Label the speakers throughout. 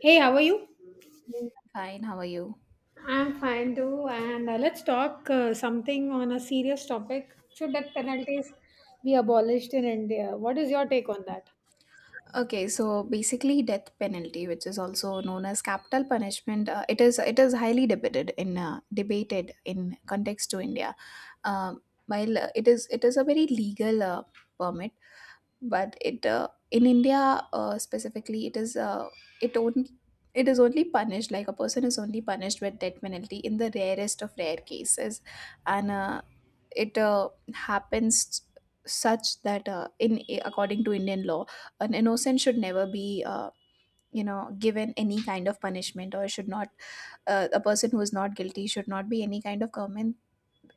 Speaker 1: Hey, how are you?
Speaker 2: Yeah, Fine, how are you?
Speaker 1: I'm fine too, and let's talk something on a serious topic. Should death penalties be abolished in India? What is your take on that?
Speaker 2: Okay, so basically death penalty, which is also known as capital punishment, it is highly debated in context to India. Um, while it is a very legal permit, but it in india specifically it is it only it is only punished, like a person is only punished with death penalty in the rarest of rare cases. And it happens such that in according to indian law, an innocent should never be given any kind of punishment, or should not a person who is not guilty should not be any kind of government.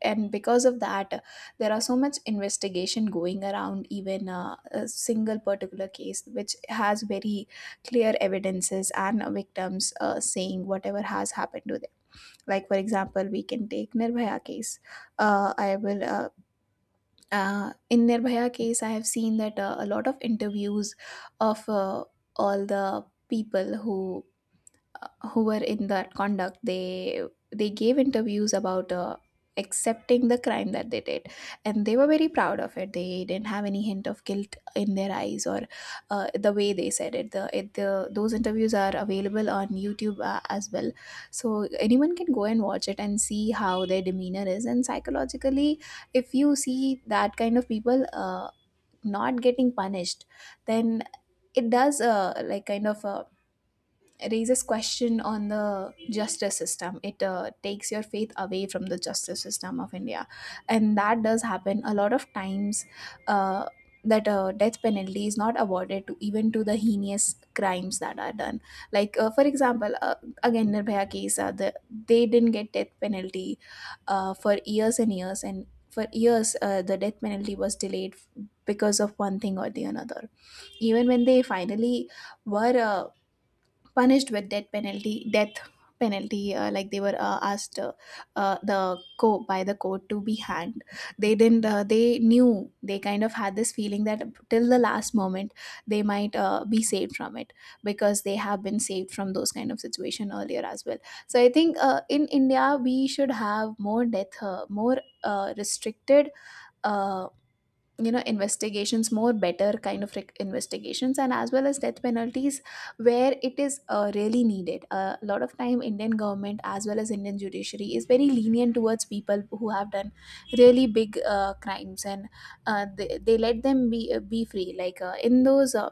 Speaker 2: And because of that there are so much investigation going around even a single particular case which has very clear evidences and victims saying whatever has happened to them, like for example we can take nirbhaya case. I will In nirbhaya case I have seen that a lot of interviews of all the people who were in that conduct. They gave interviews about accepting the crime that they did, and they were very proud of it. They didn't have any hint of guilt in their eyes. Or the way they said it, the those interviews are available on youtube as well, so anyone can go and watch it and see how their demeanor is. And psychologically, if you see that kind of people not getting punished, then it does like kind of raises question on the justice system. It takes your faith away from the justice system of india, and that does happen a lot of times. uh, that death penalty is not awarded to even to the heinous crimes that are done, like for example again nirbhaya case. They didn't get death penalty for years and years and for years. The death penalty was delayed because of one thing or the another. Even when they finally were punished with death penalty, death penalty like they were asked the co by the court to be hanged, they didn't they knew, they kind of had this feeling that till the last moment they might be saved from it, because they have been saved from those kind of situation earlier as well. So I think in india we should have more death more restricted uh, investigations, more better kind of investigations, and as well as death penalties where it is really needed. A lot of time indian government as well as indian judiciary is very lenient towards people who have done really big crimes. And they let them be free, like in those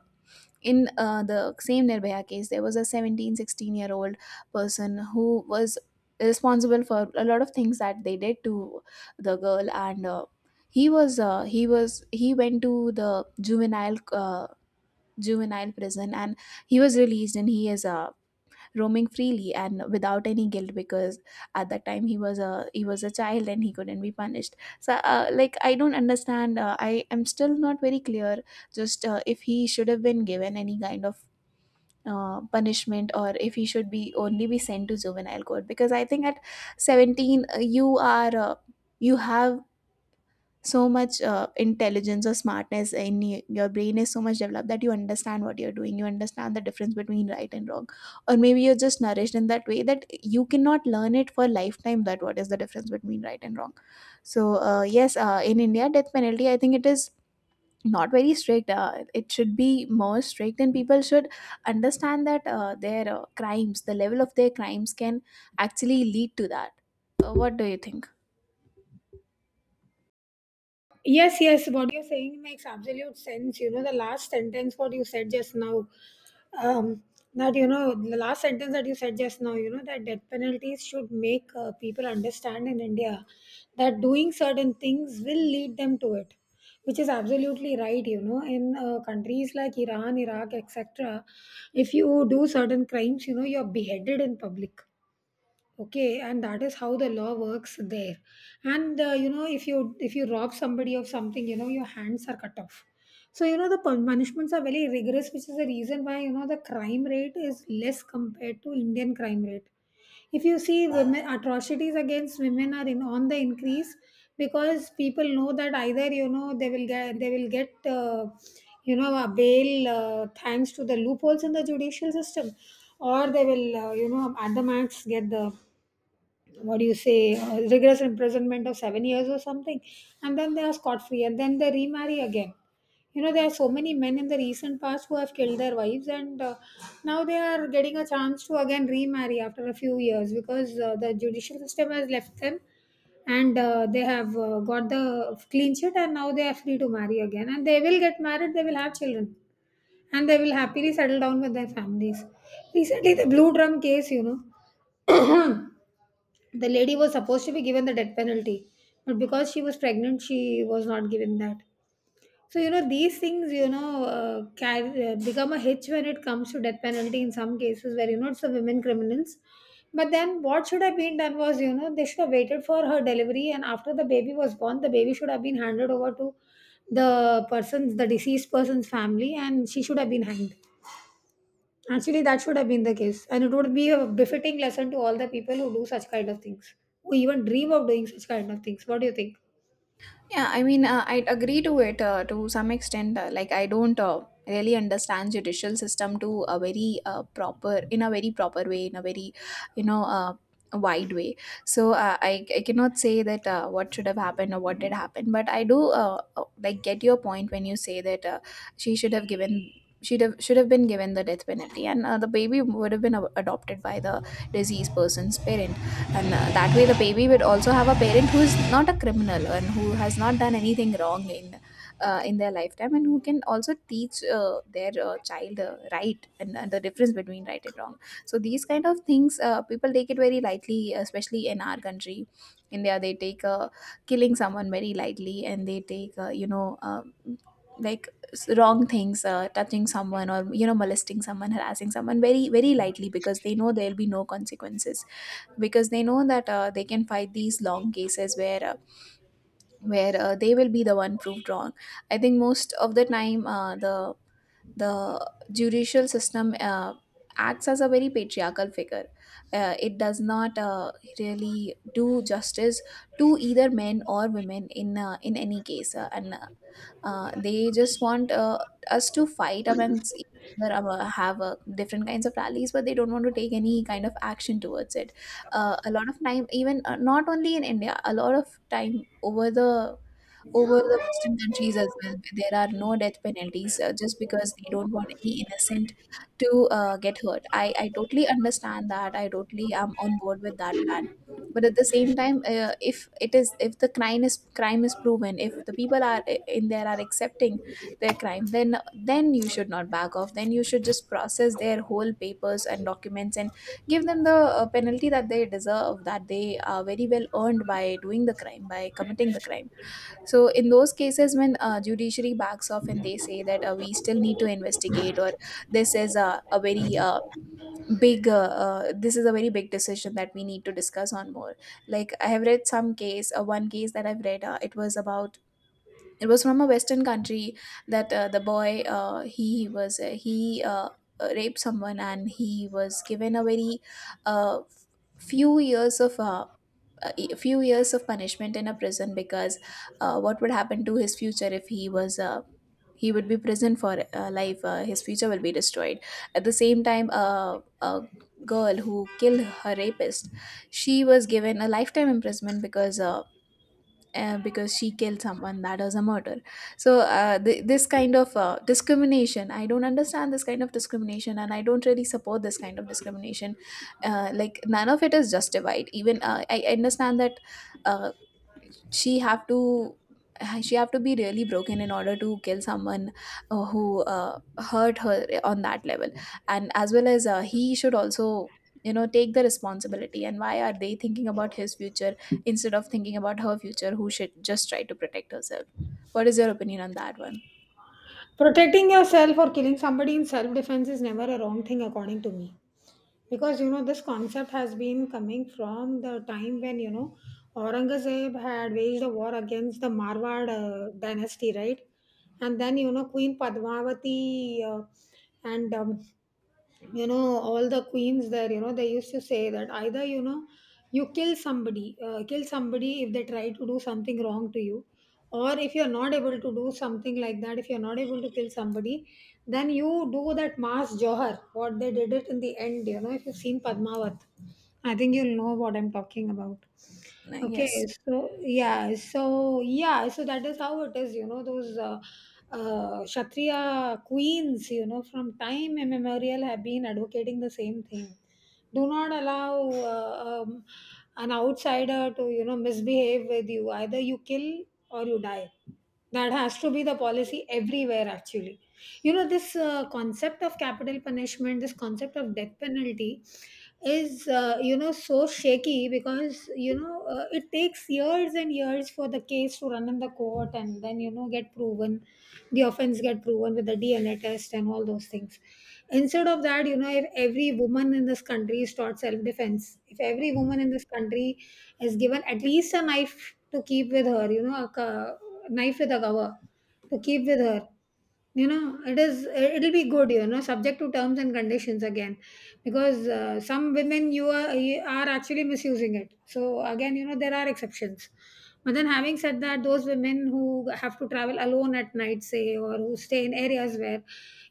Speaker 2: in the same Nirbhaya case. There was a 1716 year old person who was responsible for a lot of things that they did to the girl. And he went to the juvenile juvenile prison, and he was released, and he is roaming freely and without any guilt, because at that time he was a child and he couldn't be punished. So like I don't understand. I am still not very clear just if he should have been given any kind of punishment, or if he should be only be sent to juvenile court. Because I think at 17 you are you have so much intelligence or smartness in your brain. Is so much developed that you understand what you're doing, you understand the difference between right and wrong. Or maybe you're just nourished in that way that you cannot learn it for a lifetime, that what is the difference between right and wrong. So yes, in india death penalty, I think it is not very strict. It should be more strict, and people should understand that their crimes, the level of their crimes can actually lead to that. What do you think?
Speaker 1: Yes, yes, what you're saying makes absolute sense. You know, the last sentence, what you said just now, um, that, you know, The last sentence that you said just now, that death penalties should make people understand in India that doing certain things will lead them to it, which is absolutely right. You know, in countries like Iran, Iraq, etc., if you do certain crimes, you know, you're beheaded in public. Okay, and that is how the law works there. And you know, if you rob somebody of something, you know, your hands are cut off. So you know, the punishments are very rigorous, which is the reason why, you know, the crime rate is less compared to Indian crime rate. If you see women, atrocities against women are in on the increase, because people know that either, you know, they will get you know, a bail, thanks to the loopholes in the judicial system, or they will, you know, at the max get the, what do you say, rigorous imprisonment of 7 years or something, and then they are scot free and then they remarry again. You know, there are so many men in the recent past who have killed their wives, and now they are getting a chance to again remarry after a few years because the judicial system has left them and they have got the clean sheet, and now they are free to marry again. And they will get married, they will have children, and they will happily settle down with their families. Recently, the blue drum case, you know, the lady was supposed to be given the death penalty, but because she was pregnant, she was not given that. So you know, these things, you know, can become a hitch when it comes to death penalty in some cases where, you know, it's the women criminals. But then what should have been done was, you know, they should have waited for her delivery, and after the baby was born, the baby should have been handed over to the deceased person's family, and she should have been hanged. Actually, that should have been the case, and it would be a befitting lesson to all the people who do such kind of things, who even dream of doing such kind of things. What do you think?
Speaker 2: Yeah, I mean, I'd agree to it to some extent. Like, I don't really understand judicial system to a very proper, in a very proper way, in a very, you know, uh, wide way. So I cannot say that what should have happened or what did happen. But I do like get your point when you say that she should have given. Should have been given the death penalty, and the baby would have been adopted by the deceased person's parents. And that way the baby would also have a parent who is not a criminal and who has not done anything wrong in their lifetime, and who can also teach their child right, and the difference between right and wrong. So these kind of things people take it very lightly, especially in our country india. They take killing someone very lightly, and they take like wrong things, touching someone or you know molesting someone, harassing someone very very lightly, because they know there'll be no consequences. Because they know that they can fight these long cases where they will be the one proved wrong. I think most of the time the judicial system acts as a very patriarchal figure. It does not really do justice to either men or women in any case. And They just want us to fight amongst each other, have different kinds of rallies, but they don't want to take any kind of action towards it. A lot of time, even not only in India, a lot of time over the Western countries as well. Where There are no death penalties just because they don't want any innocent to get hurt. I totally understand that. I totally am on board with that plan. But at the same time, if it is, if the crime is proven, if the people are in there are accepting their crime, then you should not back off. Then you should just process their whole papers and documents and give them the penalty that they deserve, that they are very well earned by doing the crime, by committing the crime. So in those cases, when judiciary backs off and they say that we still need to investigate, or this is a very this is a very big decision that we need to discuss on more. Like I have read some case, one case that I've read, it was about. It was from a Western country that the boy he was he raped someone, and he was given a very uh, f- few years of a few years of punishment in a prison, because what would happen to his future if he was he would be prison for life, his future will be destroyed. At the same time a girl who killed her rapist, she was given a lifetime imprisonment, because she killed someone, that is a murder. So this kind of discrimination, I don't understand this kind of discrimination, and I don't really support this kind of discrimination. Like none of it is justified. Even I understand that uh, she have to she have to be really broken in order to kill someone who hurt her on that level. And as well as he should also you know take the responsibility. And why are they thinking about his future instead of thinking about her future, who should just try to protect herself? What is your opinion on that one?
Speaker 1: Protecting yourself or killing somebody in self defense is never a wrong thing, according to me. Because you know, this concept has been coming from the time when, you know, Aurangzeb had waged a war against the Marwad dynasty, right? And then you know, Queen Padmavati and you know, all the queens there, you know, they used to say that either, you know, you kill somebody if they try to do something wrong to you, or if you're not able to do something like that, if you're not able to kill somebody, then you do that mass johar, what they did it in the end. You know, if you've seen Padmavat, I think you'll know what I'm talking about. Okay,
Speaker 2: Yes.
Speaker 1: so yeah, so yeah, so that is how it is, you know, those Kshatriya queens, you know, from time immemorial have been advocating the same thing: do not allow an outsider to, you know, misbehave with you. Either you kill or you die. That has to be the policy everywhere, actually. You know, this concept of capital punishment, this concept of death penalty is, you know, so shaky, because you know it takes years and years for the case to run in the court and then, you know, get proven, the offense get proven with the DNA test and all those things. Instead of that, you know, if every woman in this country is taught self defense, if every woman in this country is given at least a knife to keep with her, you know, a knife with a cover to keep with her, you know, it'll be good, you know, subject to terms and conditions again, because some women, you are actually misusing it, so again, you know, there are exceptions. But then having said that, those women who have to travel alone at night, say, or who stay in areas where,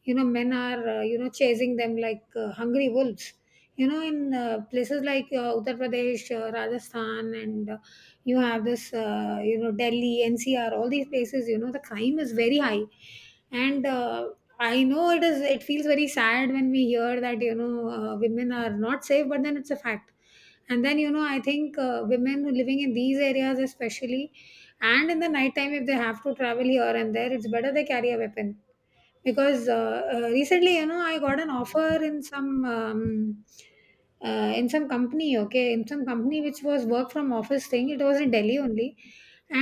Speaker 1: you know, men are, you know, chasing them like hungry wolves, you know, in places like Uttar Pradesh, Rajasthan, and you have this, you know, Delhi NCR, all these places, you know, the crime is very high. And I know it is. It feels very sad when we hear that, you know, women are not safe, but then it's a fact. And then you know, I think women who living in these areas, especially, and in the nighttime, if they have to travel here and there, it's better they carry a weapon, because recently, you know, I got an offer in some. In some company, okay, in some company which was work from office thing, it was in Delhi only,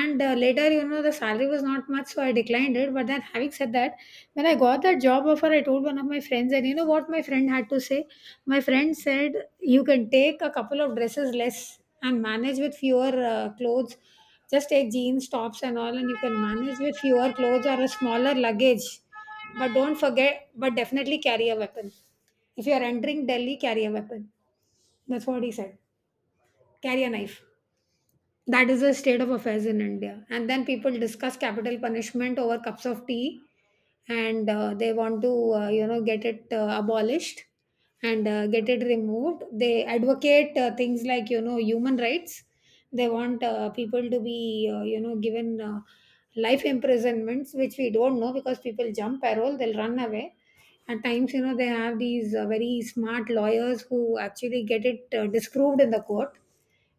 Speaker 1: and later, you know, the salary was not much, so I declined it. But then having said that, when I got that job offer, I told one of my friends, and you know what my friend had to say, my friend said, you can take a couple of dresses less and manage with fewer clothes. Just take jeans, tops and all, and you can manage with fewer clothes or a smaller luggage, but don't forget, but definitely carry a weapon. If you are entering Delhi, carry a weapon. That's what he said. Carry a knife. That is the state of affairs in India. And then people discuss capital punishment over cups of tea, and they want to, you know, get it abolished and get it removed. They advocate things like, you know, human rights. They want people to be, you know, given life imprisonments, which we don't know, because people jump parole, they'll run away. At times, you know, they have these very smart lawyers who actually get it disproved in the court.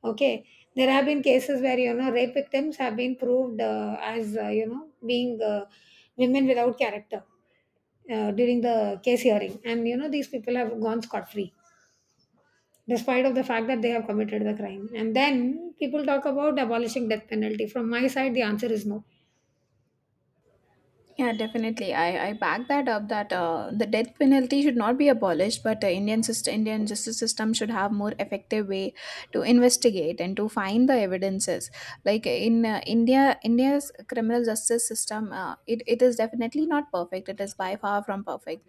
Speaker 1: Okay, there have been cases where, you know, rape victims have been proved as, you know, being, women without character, during the case hearing, and you know, these people have gone scot free despite of the fact that they have committed the crime. And then people talk about abolishing death penalty. From my side, the answer is no.
Speaker 2: Yeah, definitely. I back that up, that the death penalty should not be abolished, but Indian system, Indian justice system should have more effective way to investigate and to find the evidences. Like in India, India's criminal justice system, it is definitely not perfect. It is by far from perfect.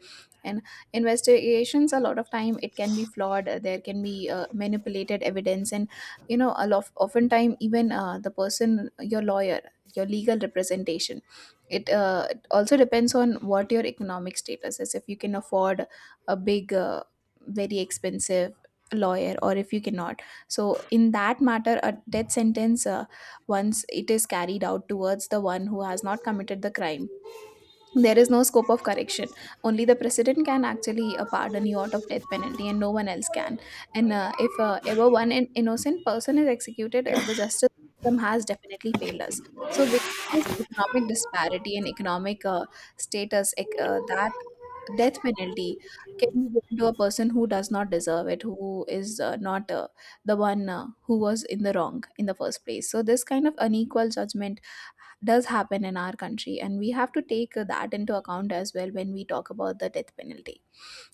Speaker 2: And investigations, a lot of time, it can be flawed. There can be manipulated evidence, and a lot oftentimes even the person, your lawyer, your legal representation it uh, it also depends on what your economic status is, if you can afford a big very expensive lawyer, or if you cannot. So in that matter, a death sentence, once it is carried out towards the one who has not committed the crime, there is no scope of correction. Only the president can actually pardon you out of death penalty, and no one else can. And if ever innocent person is executed, the justice system has definitely failed us. So because of this economic disparity and that death penalty can be given to a person who does not deserve it, who is not the one who was in the wrong in the first place. So this kind of unequal judgment does happen in our country, and we have to take that into account as well when we talk about the death penalty.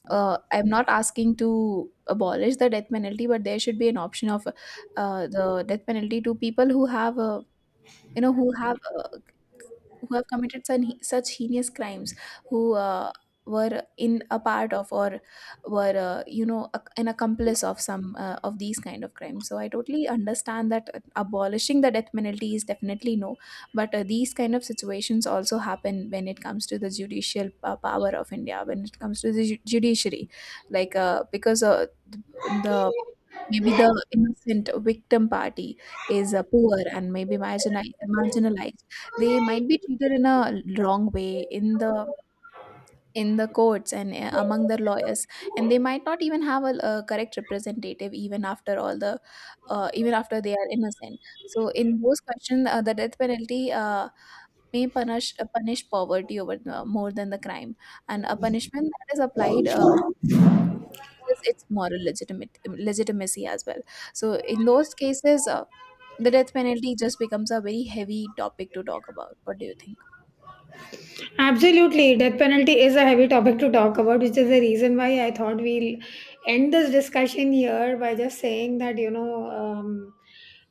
Speaker 2: I'm not asking to abolish the death penalty, but there should be an option of the death penalty to people who have you know who have uh, who have committed such heinous crimes, who were in a part of, or were you know ac an accomplice of some of these kind of crimes. So I totally understand that abolishing the death penalty is definitely no. But these kind of situations also happen when it comes to the judicial power of India, when it comes to the judiciary. Like because the Maybe the innocent victim party is poor and maybe marginalized. They might be treated in a wrong way in the courts and among their lawyers, and they might not even have a correct representative even after all the even after they are innocent. So in those questions, the death penalty may punish poverty over more than the crime, and a punishment that is applied loses its moral legitimate legitimacy as well. So in those cases, the death penalty just becomes a very heavy topic to talk about. What do you think?
Speaker 1: Absolutely. Death penalty is a heavy topic to talk about, which is the reason why I thought we'll end this discussion here by just saying that, you know,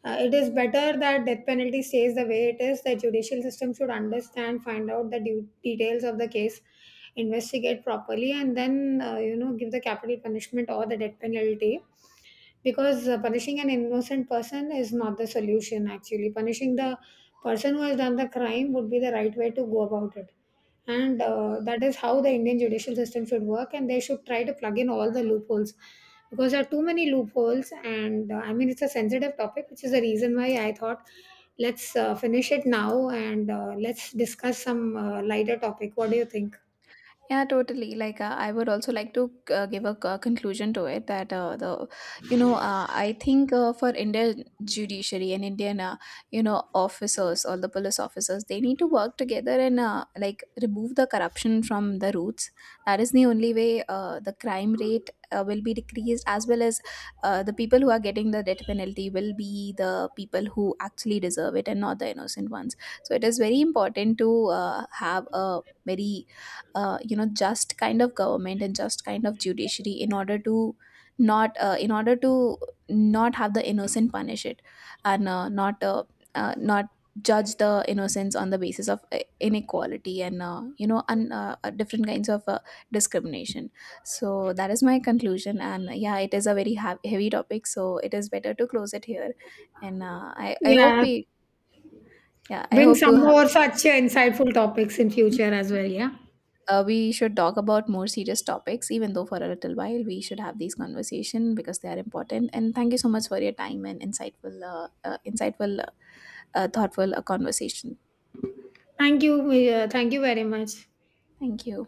Speaker 1: it is better that death penalty stays the way it is. The judicial system should understand, find out the details of the case, investigate properly, and then, you know, give the capital punishment or the death penalty. Because punishing an innocent person is not the solution, actually. Punishing the person who has done the crime would be the right way to go about it, and that is how the Indian judicial system should work, and they should try to plug in all the loopholes, because there are too many loopholes, and I mean, it's a sensitive topic, which is the reason why I thought let's finish it now, and let's discuss some lighter topic. What do you think?
Speaker 2: Yeah, totally. I would also like to give a conclusion to it, that I think for Indian judiciary and Indian officers, all the police officers, they need to work together and like remove the corruption from the roots. That is the only way the crime rate will be decreased, as well as the people who are getting the death penalty will be the people who actually deserve it and not the innocent ones. So it is very important to have a very just kind of government and just kind of judiciary, in order to not in order to not have the innocent punish it, and not judge the innocence on the basis of inequality and different kinds of discrimination. So that is my conclusion. And yeah, it is a very heavy topic, so it is better to close it here. And I hope
Speaker 1: Yeah,
Speaker 2: we yeah, I
Speaker 1: bring
Speaker 2: hope to
Speaker 1: some
Speaker 2: have
Speaker 1: more such insightful topics in future as well. Yeah,
Speaker 2: we should talk about more serious topics, even though for a little while, we should have these conversation because they are important. And thank you so much for your time and insightful insightful thoughtful conversation.
Speaker 1: thank you, thank you very much.
Speaker 2: Thank you.